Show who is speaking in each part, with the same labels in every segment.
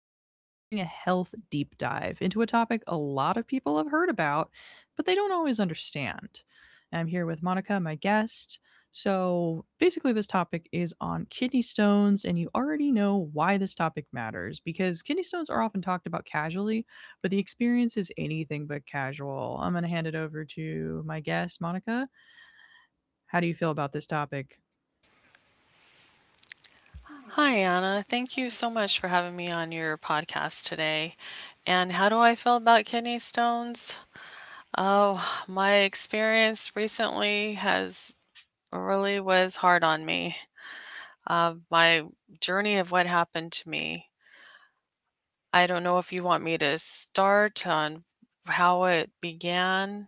Speaker 1: and today we're doing a health deep dive into a topic a lot of people have heard about, but they don't always understand. I'm here with Monica, my guest. So, basically, this topic is on kidney stones, and you already know why this topic matters because kidney stones are often talked about casually, but the experience is anything but casual. I'm going to hand it over to my guest, Monica. How do you feel about this topic?
Speaker 2: Hi, Anna. Thank you so much for having me on your podcast today. And how do I feel about kidney stones? Oh, my experience recently has really was hard on me. My journey of what happened to me. I don't know if you want me to start on how it began.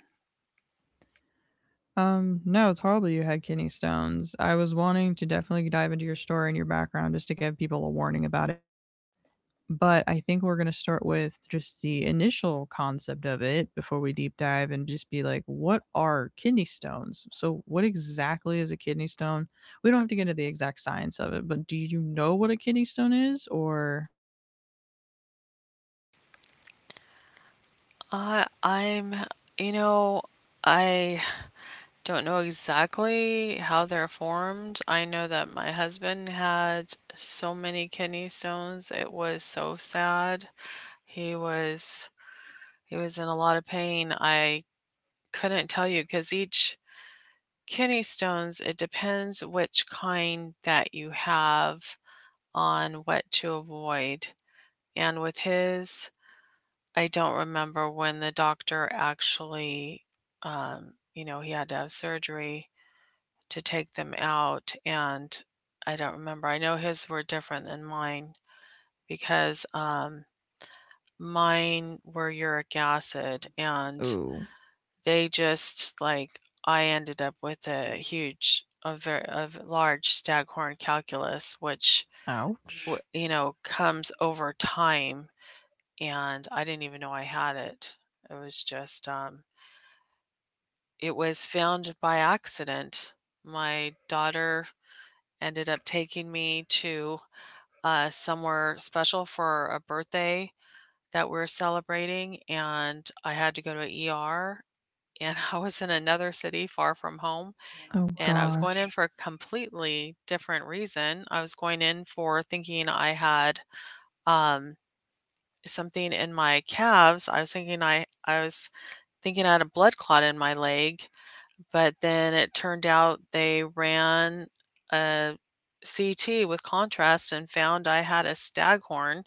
Speaker 1: No, it's horrible you had kidney stones. I was wanting to definitely dive into your story and your background just to give people a warning about it. But I think we're going to start with just the initial concept of it before we deep dive and just be like, what are kidney stones? So, what exactly is a kidney stone? We don't have to get into the exact science of it, but do you know what a kidney stone is? Or,
Speaker 2: Uh, I'm, you know, I Don't know exactly how they're formed. I know that my husband had so many kidney stones. It was so sad. He was he was in a lot of pain. I couldn't tell you cuz each kidney stones it depends which kind that you have on what to avoid. And with his, I don't remember when the doctor actually he had to have surgery to take them out and I don't remember. I know his were different than mine because mine were uric acid and
Speaker 1: oh,
Speaker 2: they just like I ended up with a huge a large staghorn calculus which
Speaker 1: ouch.
Speaker 2: comes over time and I didn't even know I had it. It was just it was found by accident. My daughter ended up taking me to somewhere special for a birthday that we're celebrating, and I had to go to ER. And I was in another city far from home,
Speaker 1: Oh
Speaker 2: and I was going in
Speaker 1: gosh.
Speaker 2: for a completely different reason. I was going in for thinking I had um, something in my calves. I was thinking I had a blood clot in my leg, but then it turned out they ran a CT with contrast and found I had a staghorn.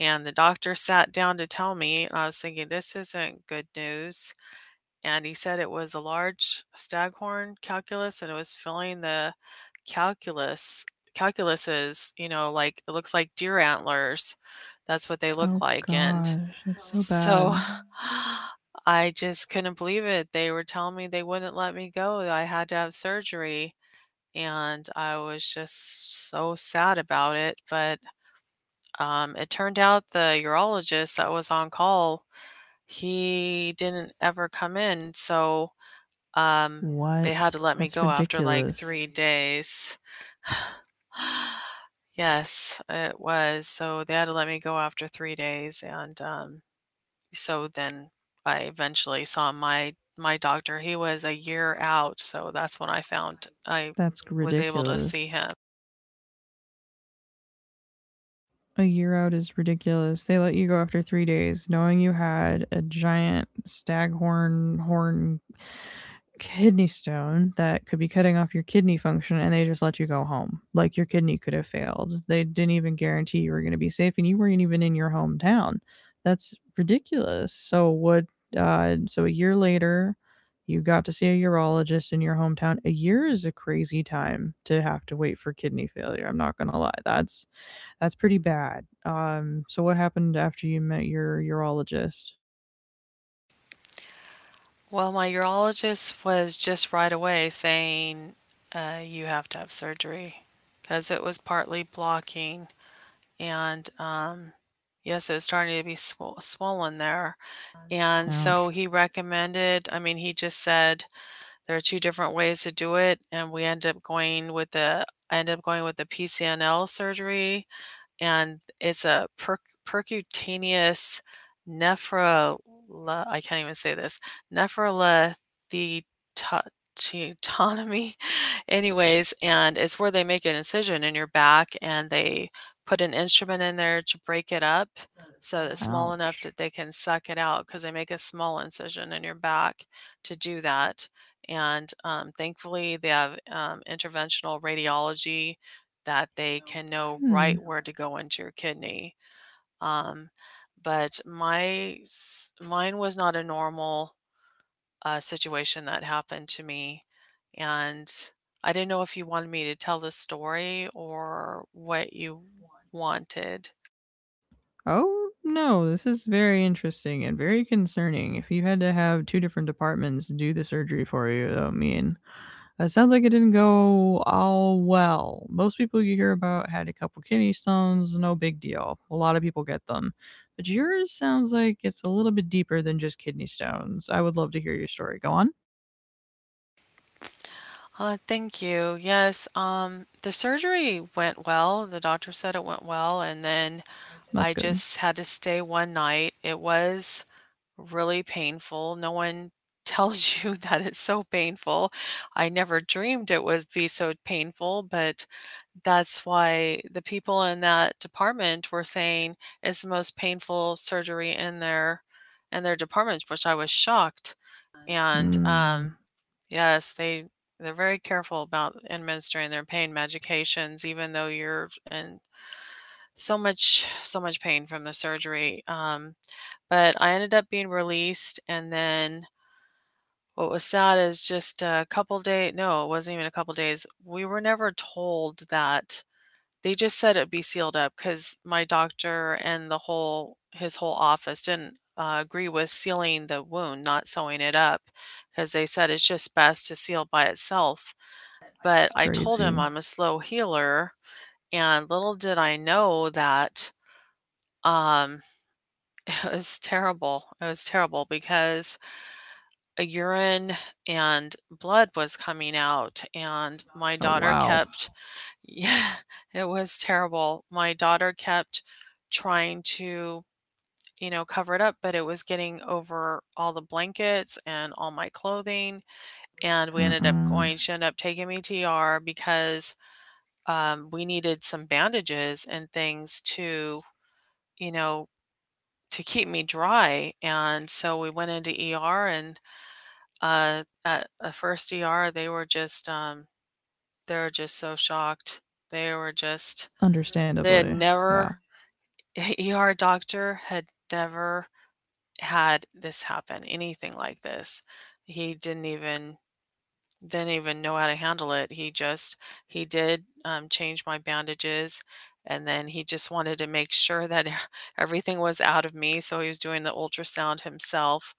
Speaker 2: And the doctor sat down to tell me, I was thinking, this isn't good news. And he said it was a large staghorn calculus and it was filling the calculus calculuses, you know, like it looks like deer antlers. That's what they look
Speaker 1: Oh
Speaker 2: like. And
Speaker 1: gosh. That's so bad.
Speaker 2: so I just couldn't believe it. They were telling me they wouldn't let me go. I had to have surgery. And I was just so sad about it. But it turned out the urologist that was on call, he didn't ever come in, so, um, they
Speaker 1: What?
Speaker 2: had to let me
Speaker 1: That's
Speaker 2: go after, like,
Speaker 1: ridiculous.
Speaker 2: 3 days. Yes, it was. So, they had to let me go after 3 days, and so then I eventually saw my doctor. He was a year out, so that's when I found I
Speaker 1: That's
Speaker 2: was able to see
Speaker 1: ridiculous.
Speaker 2: him.
Speaker 1: A year out is ridiculous. They let you go after 3 days, knowing you had a giant staghorn horn kidney stone that could be cutting off your kidney function, and they just let you go home. Like, your kidney could have failed. They didn't even guarantee you were going to be safe, and you weren't even in your hometown. That's ridiculous. So what, so a year later you got to see a urologist in your hometown. A year is a crazy time to have to wait for kidney failure. I'm not going to lie. That's pretty bad. So what happened after you met your urologist?
Speaker 2: Well, my urologist was just right away saying, you have to have surgery because it was partly blocking. And Yes, it was starting to be swollen there. And
Speaker 1: Ouch.
Speaker 2: so he recommended, I mean, he just said there are two different ways to do it. And we ended up going with the, I ended up going with the PCNL surgery, and it's a percutaneous nephrol I can't even say this nephrolithotomy. Anyways, and it's where they make an incision in your back and they put an instrument in there to break it up so that it's small enough
Speaker 1: Ouch.
Speaker 2: that they can suck it out, because they make a small incision in your back to do that. And thankfully they have interventional radiology that they can know
Speaker 1: Hmm.
Speaker 2: right where to go into your kidney. Um, Mine was not a normal situation that happened to me, and I didn't know if you wanted me to tell the story or what you wanted.
Speaker 1: Oh, no, this is very interesting and very concerning. If you had to have two different departments do the surgery for you, I mean, it sounds like it didn't go all well. Most people you hear about had a couple kidney stones, no big deal. A lot of people get them. But yours sounds like it's a little bit deeper than just kidney stones. I would love to hear your story. Go on.
Speaker 2: Thank you. Yes, the surgery went well. The doctor said it went well, and then
Speaker 1: That's
Speaker 2: I
Speaker 1: good.
Speaker 2: just had to stay one night. It was really painful. No one tells you that it's so painful. I never dreamed it would be so painful, but that's why the people in that department were saying it's the most painful surgery in their department, which I was shocked. And
Speaker 1: Mm,
Speaker 2: Yes, they're very careful about administering their pain medications, even though you're in so much pain from the surgery. But I ended up being released, and then what was sad is just a couple day no, it wasn't even a couple days. We were never told that. They just said it'd be sealed up because my doctor and the whole his whole office didn't, agree with sealing the wound, not sewing it up, because they said it's just best to seal by itself. But I told him
Speaker 1: crazy.
Speaker 2: I'm a slow healer, and little did I know that, um, it was terrible. It was terrible because a urine and blood was coming out, and my
Speaker 1: Oh,
Speaker 2: daughter
Speaker 1: wow.
Speaker 2: kept yeah it was terrible, my daughter kept trying to, you know, cover it up, but it was getting over all the blankets and all my clothing. And we ended up
Speaker 1: Mm-mm.
Speaker 2: going she ended up taking me to ER because we needed some bandages and things to, you know, to keep me dry. And so we went into ER and at a first ER, they were they were just so shocked. They were just, they had
Speaker 1: Understandably, yeah.
Speaker 2: never, ER doctor had never had this happen, anything like this. He didn't even know how to handle it. He did change my bandages. And then he just wanted to make sure that everything was out of me. So he was doing the ultrasound himself.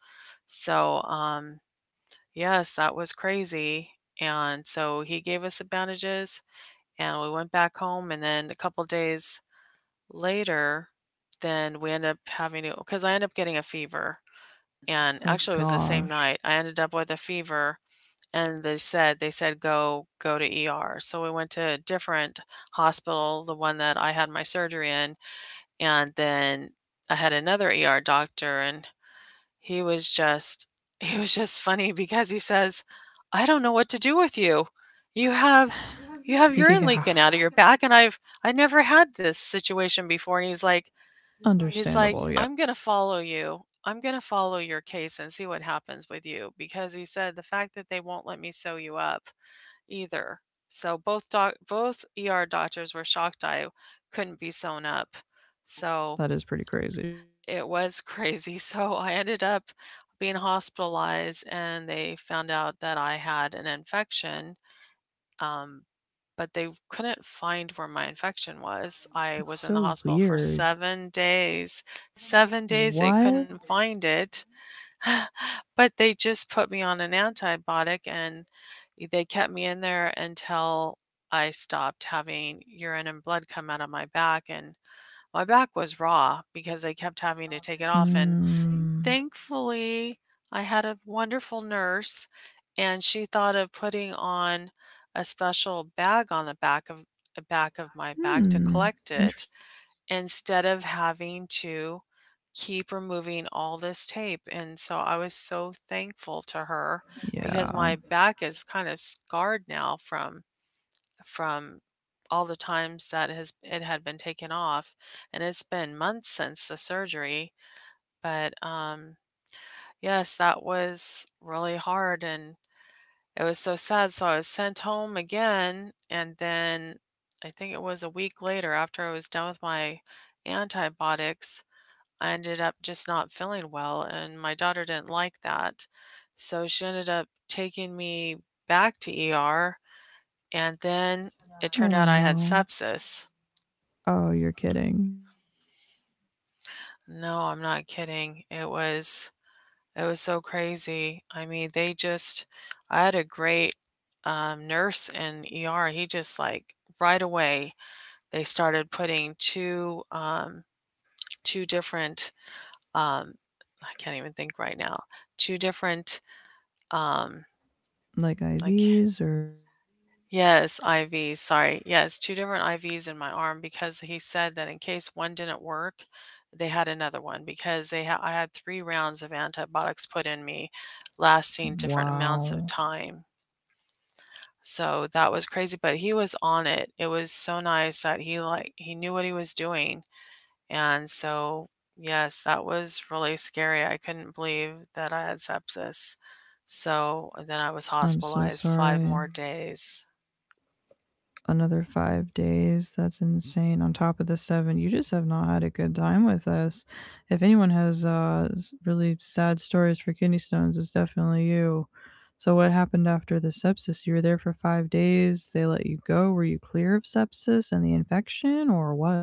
Speaker 2: So, um, Yes, that was crazy, and so he gave us the bandages, and we went back home, and then a couple days later, then we ended up having to because I ended up getting a fever, and
Speaker 1: Oh
Speaker 2: actually it was the same
Speaker 1: gosh.
Speaker 2: night. I ended up with a fever, and they said, "Go to ER." So we went to a different hospital, the one that I had my surgery in, and then I had another ER doctor, and he was just he was just funny because he says, "I don't know what to do with you. You have you have urine
Speaker 1: Yeah,
Speaker 2: leaking out of your back, and I never had this situation before." And he's like,
Speaker 1: understandable, yeah.
Speaker 2: "I'm going to follow you. I'm going to follow your case and see what happens with you," because he said the fact that they won't let me sew you up either. So both ER doctors were shocked I couldn't be sewn up. So
Speaker 1: That is pretty crazy.
Speaker 2: it was crazy. So I ended up being hospitalized, and they found out that I had an infection, um, but they couldn't find where my infection was. I
Speaker 1: It's
Speaker 2: was in the
Speaker 1: so
Speaker 2: hospital for
Speaker 1: weird.
Speaker 2: 7 days. 7 days, they
Speaker 1: What?
Speaker 2: couldn't find it. But they just put me on an antibiotic, and they kept me in there until I stopped having urine and blood come out of my back. And my back was raw because they kept having to take it off. And
Speaker 1: Mm,
Speaker 2: Thankfully, I had a wonderful nurse, and she thought of putting on a special bag on the back of my bag to
Speaker 1: hmm.
Speaker 2: collect it
Speaker 1: Interesting.
Speaker 2: instead of having to keep removing all this tape. And so I was so thankful to her because
Speaker 1: Yeah.
Speaker 2: my back is kind of scarred now from all the times that has it had been taken off, and it's been months since the surgery. But yes, that was really hard, and it was so sad. So I was sent home again, and then I think it was a week later, after I was done with my antibiotics, I ended up just not feeling well, and my daughter didn't like that. So she ended up taking me back to ER, and then it turned
Speaker 1: Oh
Speaker 2: out I had
Speaker 1: no.
Speaker 2: sepsis.
Speaker 1: Oh, you're kidding.
Speaker 2: No, I'm not kidding. It was so crazy. I mean, they just I had a great nurse in ER. He just like right away they started putting two different um, I can't even think right now. Two different um,
Speaker 1: Like,
Speaker 2: like
Speaker 1: IVs or.
Speaker 2: yes, IVs. Sorry, yes, two different IVs in my arm, because he said that in case one didn't work, they had another one, because I had three rounds of antibiotics put in me, lasting different
Speaker 1: Wow.
Speaker 2: amounts of time. So that was crazy, but he was on it. It was so nice that he knew what he was doing. And so yes, that was really scary. I couldn't believe that I had sepsis. So, and then I was
Speaker 1: I'm so
Speaker 2: hospitalized 5
Speaker 1: sorry.
Speaker 2: more days.
Speaker 1: Another 5 days. That's insane. On top of the seven, you just have not had a good time with us. If anyone has really sad stories for kidney stones, it's definitely you. So, what happened after the sepsis? You were there for 5 days. They let you go. Were you clear of sepsis and the infection, or what?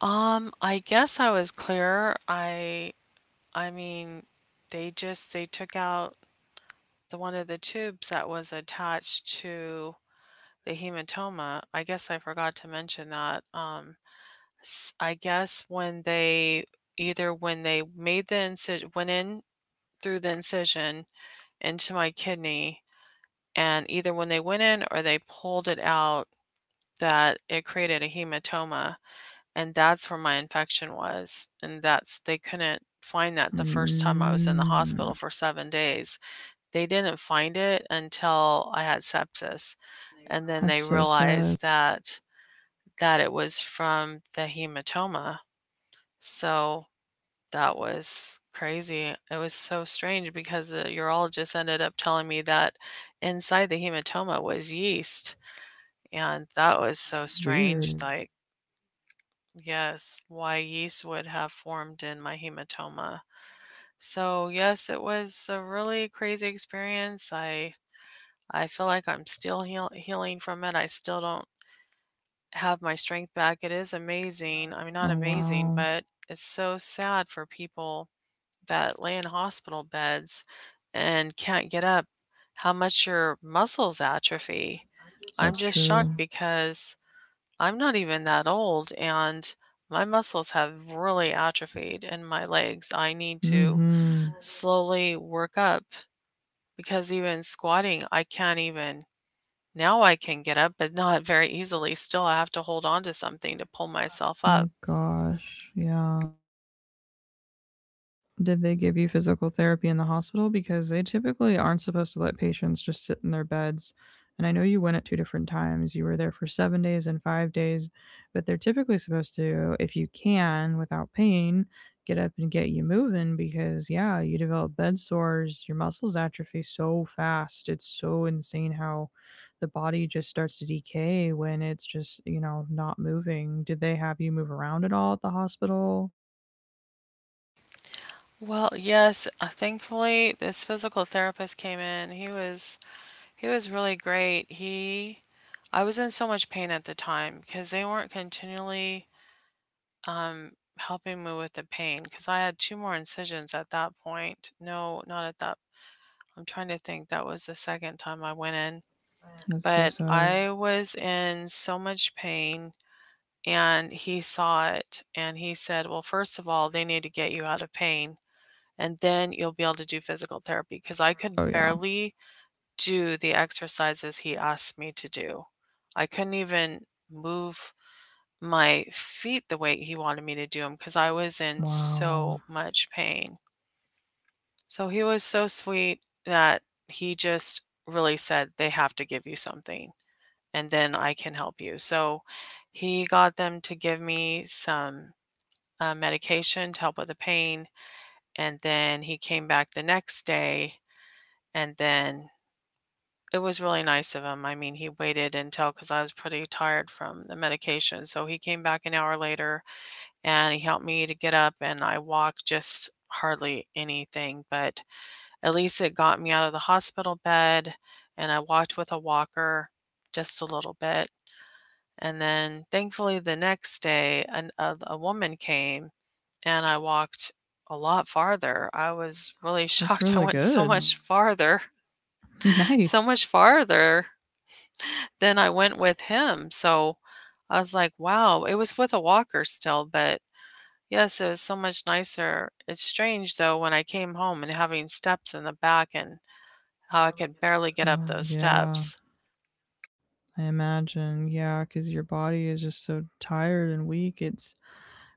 Speaker 2: I guess I was clear. I mean, they took out the one of the tubes that was attached to the hematoma. I guess I forgot to mention that. S I guess when they either when they made the incision went in through the incision into my kidney, and either when they went in or they pulled it out, that it created a hematoma, and that's where my infection was, and that's they couldn't find that the first time I was in the
Speaker 1: Mm,
Speaker 2: hospital for 7 days. They didn't find it until I had sepsis, and then they
Speaker 1: that's so sad.
Speaker 2: realized that it was from the hematoma. So that was crazy. It was so strange because the urologist ended up telling me that inside the hematoma was yeast, and that was so
Speaker 1: Weird.
Speaker 2: strange. Like, yes, why yeast would have formed in my hematoma. So, yes, it was a really crazy experience. I feel like I'm still healing from it. I still don't have my strength back. It is amazing. I mean,
Speaker 1: Oh,
Speaker 2: not amazing,
Speaker 1: wow.
Speaker 2: but it's so sad for people that lay in hospital beds and can't get up, how much your muscles atrophy. I'm
Speaker 1: That's
Speaker 2: just
Speaker 1: true.
Speaker 2: shocked because I'm not even that old and my muscles have really atrophied in my legs. I need
Speaker 1: Mm
Speaker 2: to
Speaker 1: hmm.
Speaker 2: slowly work up because even squatting, I can't even. Now I can get up, but not very easily. Still, I have to hold on to something to pull myself up.
Speaker 1: Oh, gosh. Yeah. Did they give you physical therapy in the hospital? Because they typically aren't supposed to let patients just sit in their beds. And I know you went at two different times. You were there for 7 days and 5 days, but they're typically supposed to, if you can, without pain, get up and get you moving because, yeah, you develop bed sores. Your muscles atrophy so fast. It's so insane how the body just starts to decay when it's just, you know, not moving. Did they have you move around at all at the hospital?
Speaker 2: Well, yes, thankfully, this physical therapist came in. He was really great. He I was in so much pain at the time because they weren't continually um helping me with the pain because I had two more incisions at that point. No, not at that. I'm trying to think. That was the second time I went in,
Speaker 1: That's so
Speaker 2: but
Speaker 1: sad.
Speaker 2: I was in so much pain and he saw it and he said, "Well, first of all, they need to get you out of pain." And then you'll be able to do physical therapy because I could
Speaker 1: Oh, yeah.
Speaker 2: barely do the exercises he asked me to do. I couldn't even move my feet the way he wanted me to do them because I was in so
Speaker 1: Wow.
Speaker 2: much pain. So he was so sweet that he just really said, they have to give you something and then I can help you. So he got them to give me some medication to help with the pain. And then he came back the next day and then it was really nice of him. I mean, he waited until because I was pretty tired from the medication. So he came back an hour later and he helped me to get up and I walked just hardly anything, but at least it got me out of the hospital bed and I walked with a walker just a little bit. And then thankfully the next day a woman came and I walked a lot farther. I was really
Speaker 1: That's
Speaker 2: shocked. I
Speaker 1: really
Speaker 2: went so
Speaker 1: good.
Speaker 2: much farther so
Speaker 1: Nice.
Speaker 2: much farther then I went with him, so I was like, "Wow." It was with a walker still, but yes, it was so much nicer. It's strange though when I came home and having steps in the back and how I could barely get up
Speaker 1: Oh,
Speaker 2: those
Speaker 1: yeah.
Speaker 2: steps.
Speaker 1: I imagine. Yeah, cuz your body is just so tired and weak. It's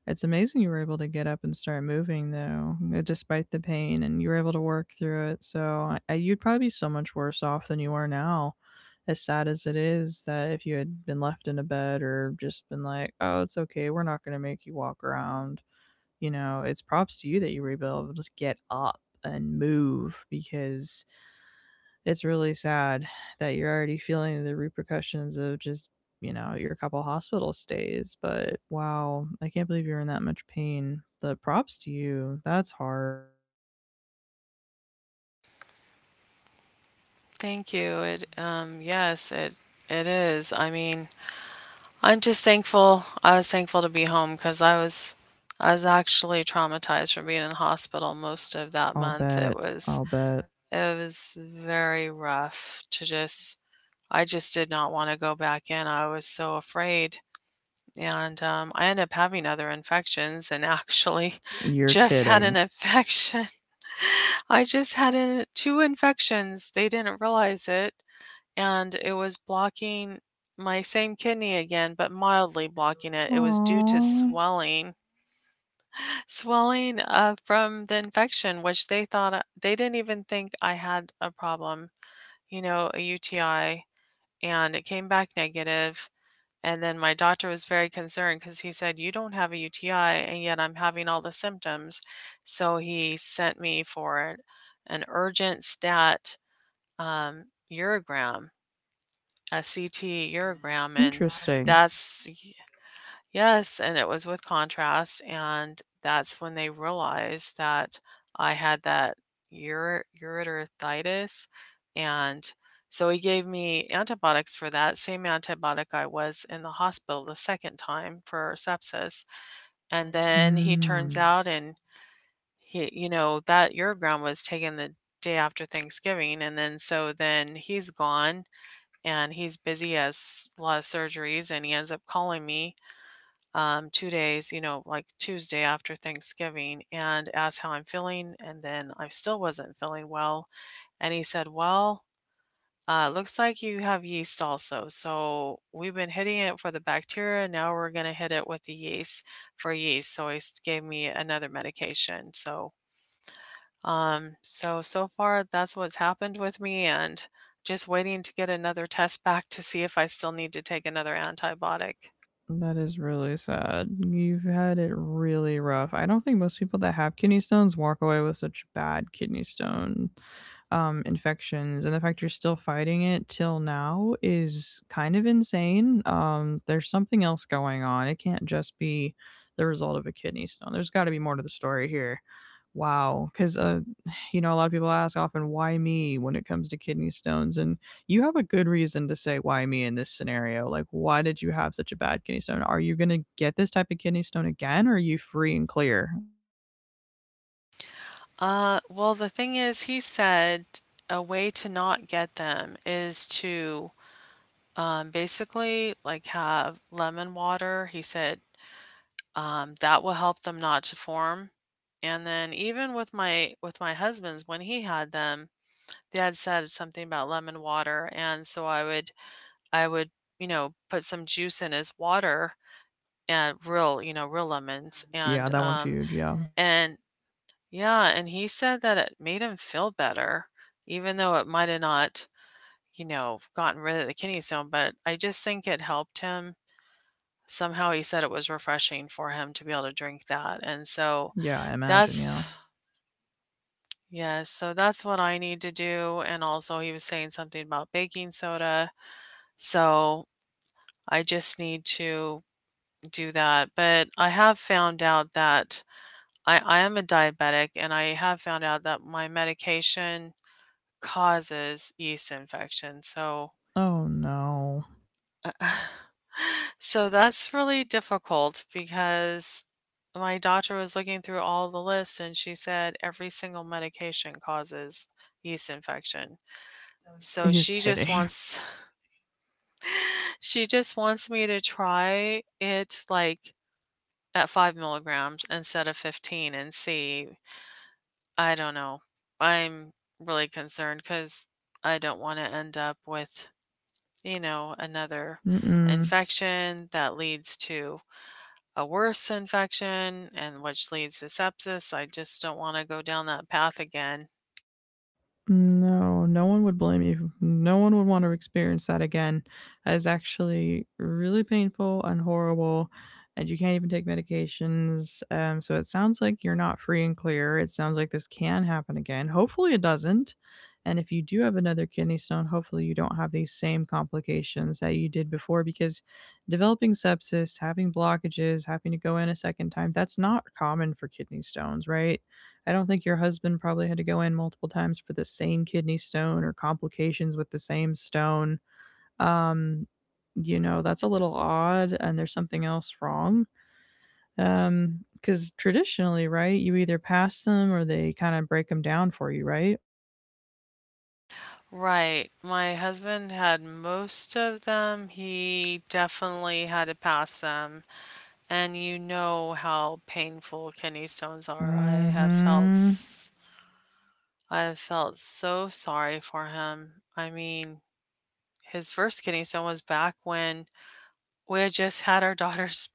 Speaker 1: it's amazing you were able to get up and start moving though, despite the pain, and you were able to work through it. So, you'd probably be so much worse off than you are now. As sad as it is, that if you had been left in a bed or just been like, "Oh, it's okay. We're not going to make you walk around." You know, it's props to you that you rebuild. Just get up and move because it's really sad that you're already feeling the repercussions of just, you know, your couple hospital stays. But wow, I can't believe you're in that much pain. The props to you. That's hard.
Speaker 2: Thank you. It yes, it is. I mean, I'm just thankful. I was thankful to be home because I was actually traumatized from being in the hospital most of that
Speaker 1: I'll
Speaker 2: month.
Speaker 1: bet. I'll bet.
Speaker 2: It was very rough to just I just did not want to go back in. I was so afraid. And I ended up having other infections and actually
Speaker 1: You're
Speaker 2: just had
Speaker 1: kidding.
Speaker 2: an infection. I just had two infections. They didn't realize it. And it was blocking my same kidney again, but mildly blocking it. It was due to
Speaker 1: Aww.
Speaker 2: swelling, swelling from the infection, which they thought they didn't even think I had a problem, you know, a UTI. And it came back negative. And then my doctor was very concerned because he said, you don't have a UTI, and yet I'm having all the symptoms. So he sent me for an urgent stat um, urogram, a CT urogram. And
Speaker 1: Interesting.
Speaker 2: that's Yes, and it was with contrast, and that's when they realized that I had that ureteritis, and so he gave me antibiotics for that same antibiotic I was in the hospital the second time for sepsis, and then he
Speaker 1: Hmm.
Speaker 2: turns out and he you know, that urogram was taken the day after Thanksgiving, and then so then he's gone, and he's busy, has a lot of surgeries, and he ends up calling me 2 days, you know, like Tuesday after Thanksgiving, and asked how I'm feeling. And then I still wasn't feeling well. And he said, well, looks like you have yeast also. So we've been hitting it for the bacteria. Now we're going to hit it with the yeast for yeast. So he gave me another medication. So, so far that's what's happened with me. And just waiting to get another test back to see if I still need to take another antibiotic.
Speaker 1: That is really sad. You've had it really rough. I don't think most people that have kidney stones walk away with such bad kidney stone infections. And the fact you're still fighting it till now is kind of insane. There's something else going on. It can't just be the result of a kidney stone. There's got to be more to the story here. Wow. Because, you know, a lot of people ask often, why me when it comes to kidney stones? And you have a good reason to say why me in this scenario. Like, why did you have such a bad kidney stone? Are you going to get this type of kidney stone again, or are you free and clear?
Speaker 2: Well, the thing is, he said a way to not get them is to basically like have lemon water. He said that will help them not to form. And then even with my husband's, when he had them, they had said something about lemon water, and so I would you know put some juice in his water and real you know real lemons
Speaker 1: Yeah,
Speaker 2: and
Speaker 1: that one's huge, yeah.
Speaker 2: and yeah, and he said that it made him feel better, even though it might have not, you know, gotten rid of the kidney stone, but I just think it helped him. Somehow he said it was refreshing for him to be able to drink that. And so
Speaker 1: Yeah, I imagine, yeah.
Speaker 2: that's, yeah, so that's what I need to do. And also he was saying something about baking soda. So I just need to do that. But I have found out that I am a diabetic and I have found out that my medication causes yeast infection. So
Speaker 1: Oh no.
Speaker 2: so that's really difficult because my doctor was looking through all the lists and she said every single medication causes yeast infection.
Speaker 1: So
Speaker 2: So
Speaker 1: you're
Speaker 2: she
Speaker 1: kidding.
Speaker 2: just wants she just wants me to try it like at 5 mg instead of 15 and see. I don't know. I'm really concerned because I don't want to end up with you know, another
Speaker 1: Mm-mm.
Speaker 2: infection that leads to a worse infection and which leads to sepsis. I just don't want to go down that path again.
Speaker 1: No, no one would blame you. No one would want to experience that again. It's actually really painful and horrible, and you can't even take medications. So it sounds like you're not free and clear. It sounds like this can happen again. Hopefully, it doesn't. And if you do have another kidney stone, hopefully you don't have these same complications that you did before, because developing sepsis, having blockages, having to go in a second time, that's not common for kidney stones, right? I don't think your husband probably had to go in multiple times for the same kidney stone or complications with the same stone. Um, you know, that's a little odd, and there's something else wrong. Um, because traditionally, right, you either pass them or they kind of break them down for you, right?
Speaker 2: Right. My husband had most of them. He definitely had to pass them. And you know how painful kidney stones are.
Speaker 1: Mm-hmm.
Speaker 2: I have felt so sorry for him. I mean, his first kidney stone was back when we had just had our daughter's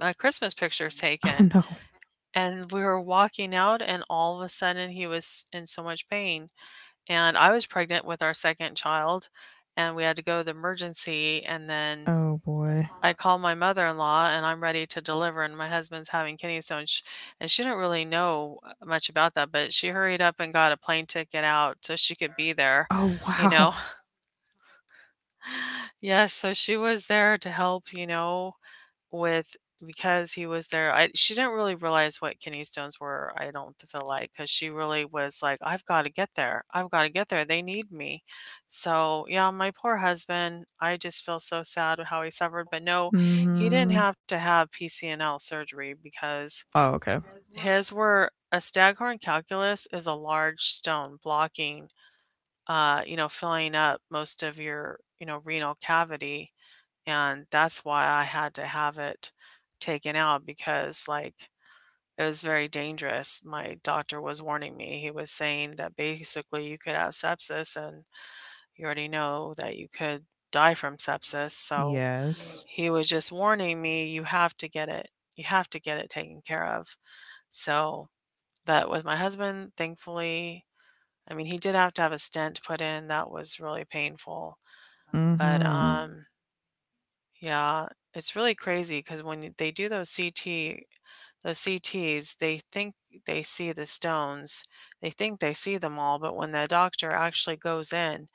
Speaker 2: Christmas pictures
Speaker 1: Oh
Speaker 2: taken,
Speaker 1: no.
Speaker 2: and we were walking out, and all of a sudden he was in so much pain. And I was pregnant with our second child, and we had to go to the emergency. And then
Speaker 1: Oh boy.
Speaker 2: I called my mother in law, and I'm ready to deliver, and my husband's having kidney stones. And she didn't really know much about that, but she hurried up and got a plane ticket out so she could be there,
Speaker 1: Oh
Speaker 2: you
Speaker 1: wow.
Speaker 2: know. Yes, so she was there to help, you know with because he was there, I she didn't really realize what kidney stones were, I don't feel like because she really was like, "I've gotta get there. I've gotta get there. They need me." So, yeah, my poor husband, I just feel so sad how he suffered, but no, he
Speaker 1: Mm-hmm.
Speaker 2: didn't have to have PCNL surgery because
Speaker 1: Oh okay.
Speaker 2: his were a staghorn calculus is a large stone blocking, you know, filling up most of your, you know, renal cavity and that's why I had to have it taken out because like it was very dangerous. My doctor was warning me. He was saying that basically you could have sepsis and you already know that you could die from sepsis. So
Speaker 1: Yes.
Speaker 2: he was just warning me you have to get it taken care of. So that with my husband, thankfully, I mean he did have to have a stent put in. That was really painful. But
Speaker 1: Mm-hmm.
Speaker 2: yeah, it's really crazy because when they do those CT, those CTs, they think they see the stones. They think they see them all, but when the doctor actually goes in,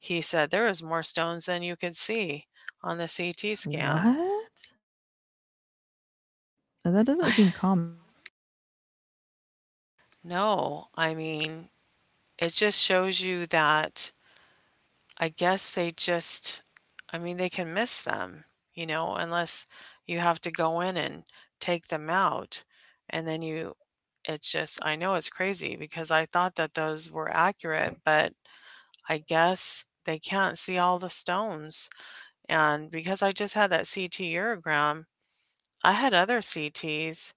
Speaker 2: he said there is more stones than you could see on the CT scan.
Speaker 1: What? That doesn't seem common.
Speaker 2: No, I mean, it just shows you that I guess they just, I mean, they can miss them, you know, unless you have to go in and take them out. And then you, it's just, I know it's crazy because I thought that those were accurate, but I guess they can't see all the stones. And because I just had that CT urogram, I had other CTs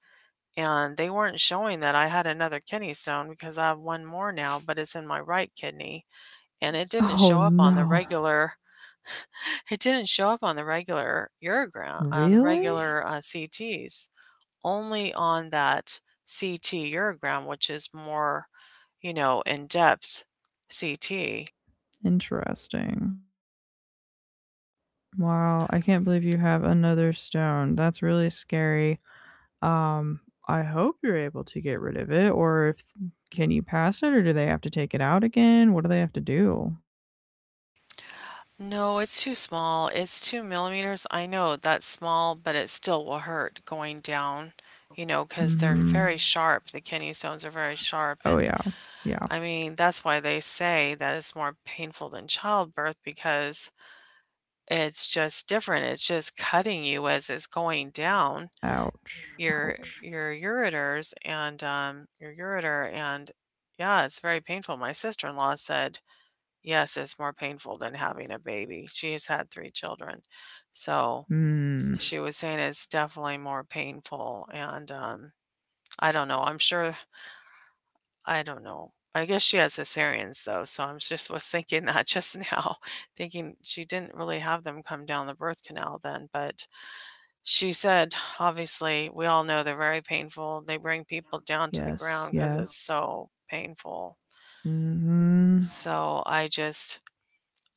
Speaker 2: and they weren't showing that I had another kidney stone because I have one more now, but it's in my right kidney and
Speaker 1: Oh no.
Speaker 2: it didn't show up on the regular urogram, on the
Speaker 1: Really?
Speaker 2: regular CTs, only on that CT urogram, which is more, you know, in depth CT.
Speaker 1: Interesting. Wow, I can't believe you have another stone. That's really scary. Um I hope you're able to get rid of it. Or if, can you pass it, or do they have to take it out again? What do they have to do?
Speaker 2: No, it's too small. It's 2 mm. I know that's small, but it still will hurt going down, you know, because they're
Speaker 1: Mhm.
Speaker 2: very sharp. The kidney stones are very sharp.
Speaker 1: Oh
Speaker 2: And
Speaker 1: yeah. Yeah.
Speaker 2: I mean, that's why they say that it's more painful than childbirth because it's just different, it's just cutting you as it's going down
Speaker 1: Ouch. Ouch.
Speaker 2: your ureters and, your ureter, and yeah, it's very painful. My sister-in-law said, "Yes, it's more painful than having a baby." She has had 3 children, so
Speaker 1: Mm.
Speaker 2: she was saying it's definitely more painful, and, I'm sure I don't know. I guess she has cesareans though, so I'm just was thinking that just now, thinking she didn't really have them come down the birth canal then, but she said, "Obviously, we all know they're very painful. They bring people down to the
Speaker 1: Yes.
Speaker 2: ground because
Speaker 1: Yes.
Speaker 2: it's so painful."
Speaker 1: Mhm.
Speaker 2: So,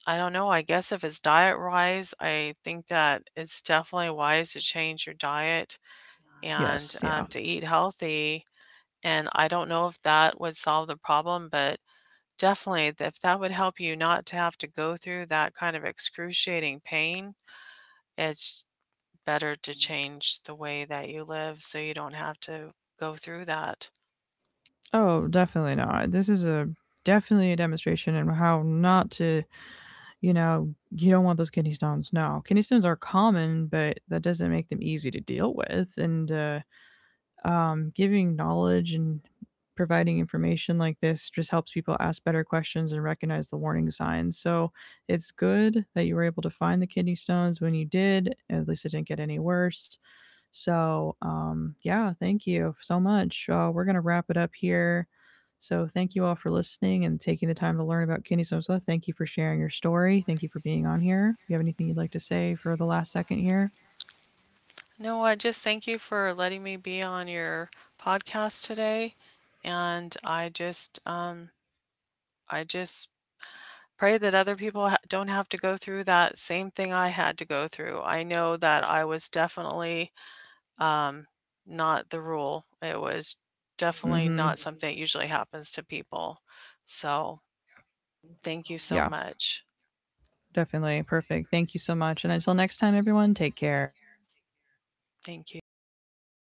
Speaker 2: I don't know, I guess if it's diet-wise, I think that it's definitely wise to change your diet and,
Speaker 1: Yes. Yeah.
Speaker 2: to eat healthy, and I don't know if that would solve the problem, but definitely if that would help you not to have to go through that kind of excruciating pain, it's better to change the way that you live so you don't have to go through that.
Speaker 1: Oh, definitely not. This is a, definitely a demonstration and how not to, you know, you don't want those kidney stones. No, kidney stones are common, but that doesn't make them easy to deal with. And giving knowledge and providing information like this just helps people ask better questions and recognize the warning signs. So it's good that you were able to find the kidney stones when you did. At least it didn't get any worse. So, yeah, thank you so much. We're going to wrap it up here. So, thank you all for listening and taking the time to learn about kidney Sosa. Thank you for sharing your story. Thank you for being on here. You have anything you'd like to say for the last second here?
Speaker 2: No, I just thank you for letting me be on your podcast today. And I just pray that other people don't have to go through that same thing I had to go through. I know that I was definitely um, not the rule. It was definitely
Speaker 1: Mm-hmm.
Speaker 2: not something that usually happens to people. So thank you so
Speaker 1: Yeah,
Speaker 2: much.
Speaker 1: definitely. Perfect. Thank you so much. And until next time, everyone, take care.
Speaker 2: Thank you. Goodbye.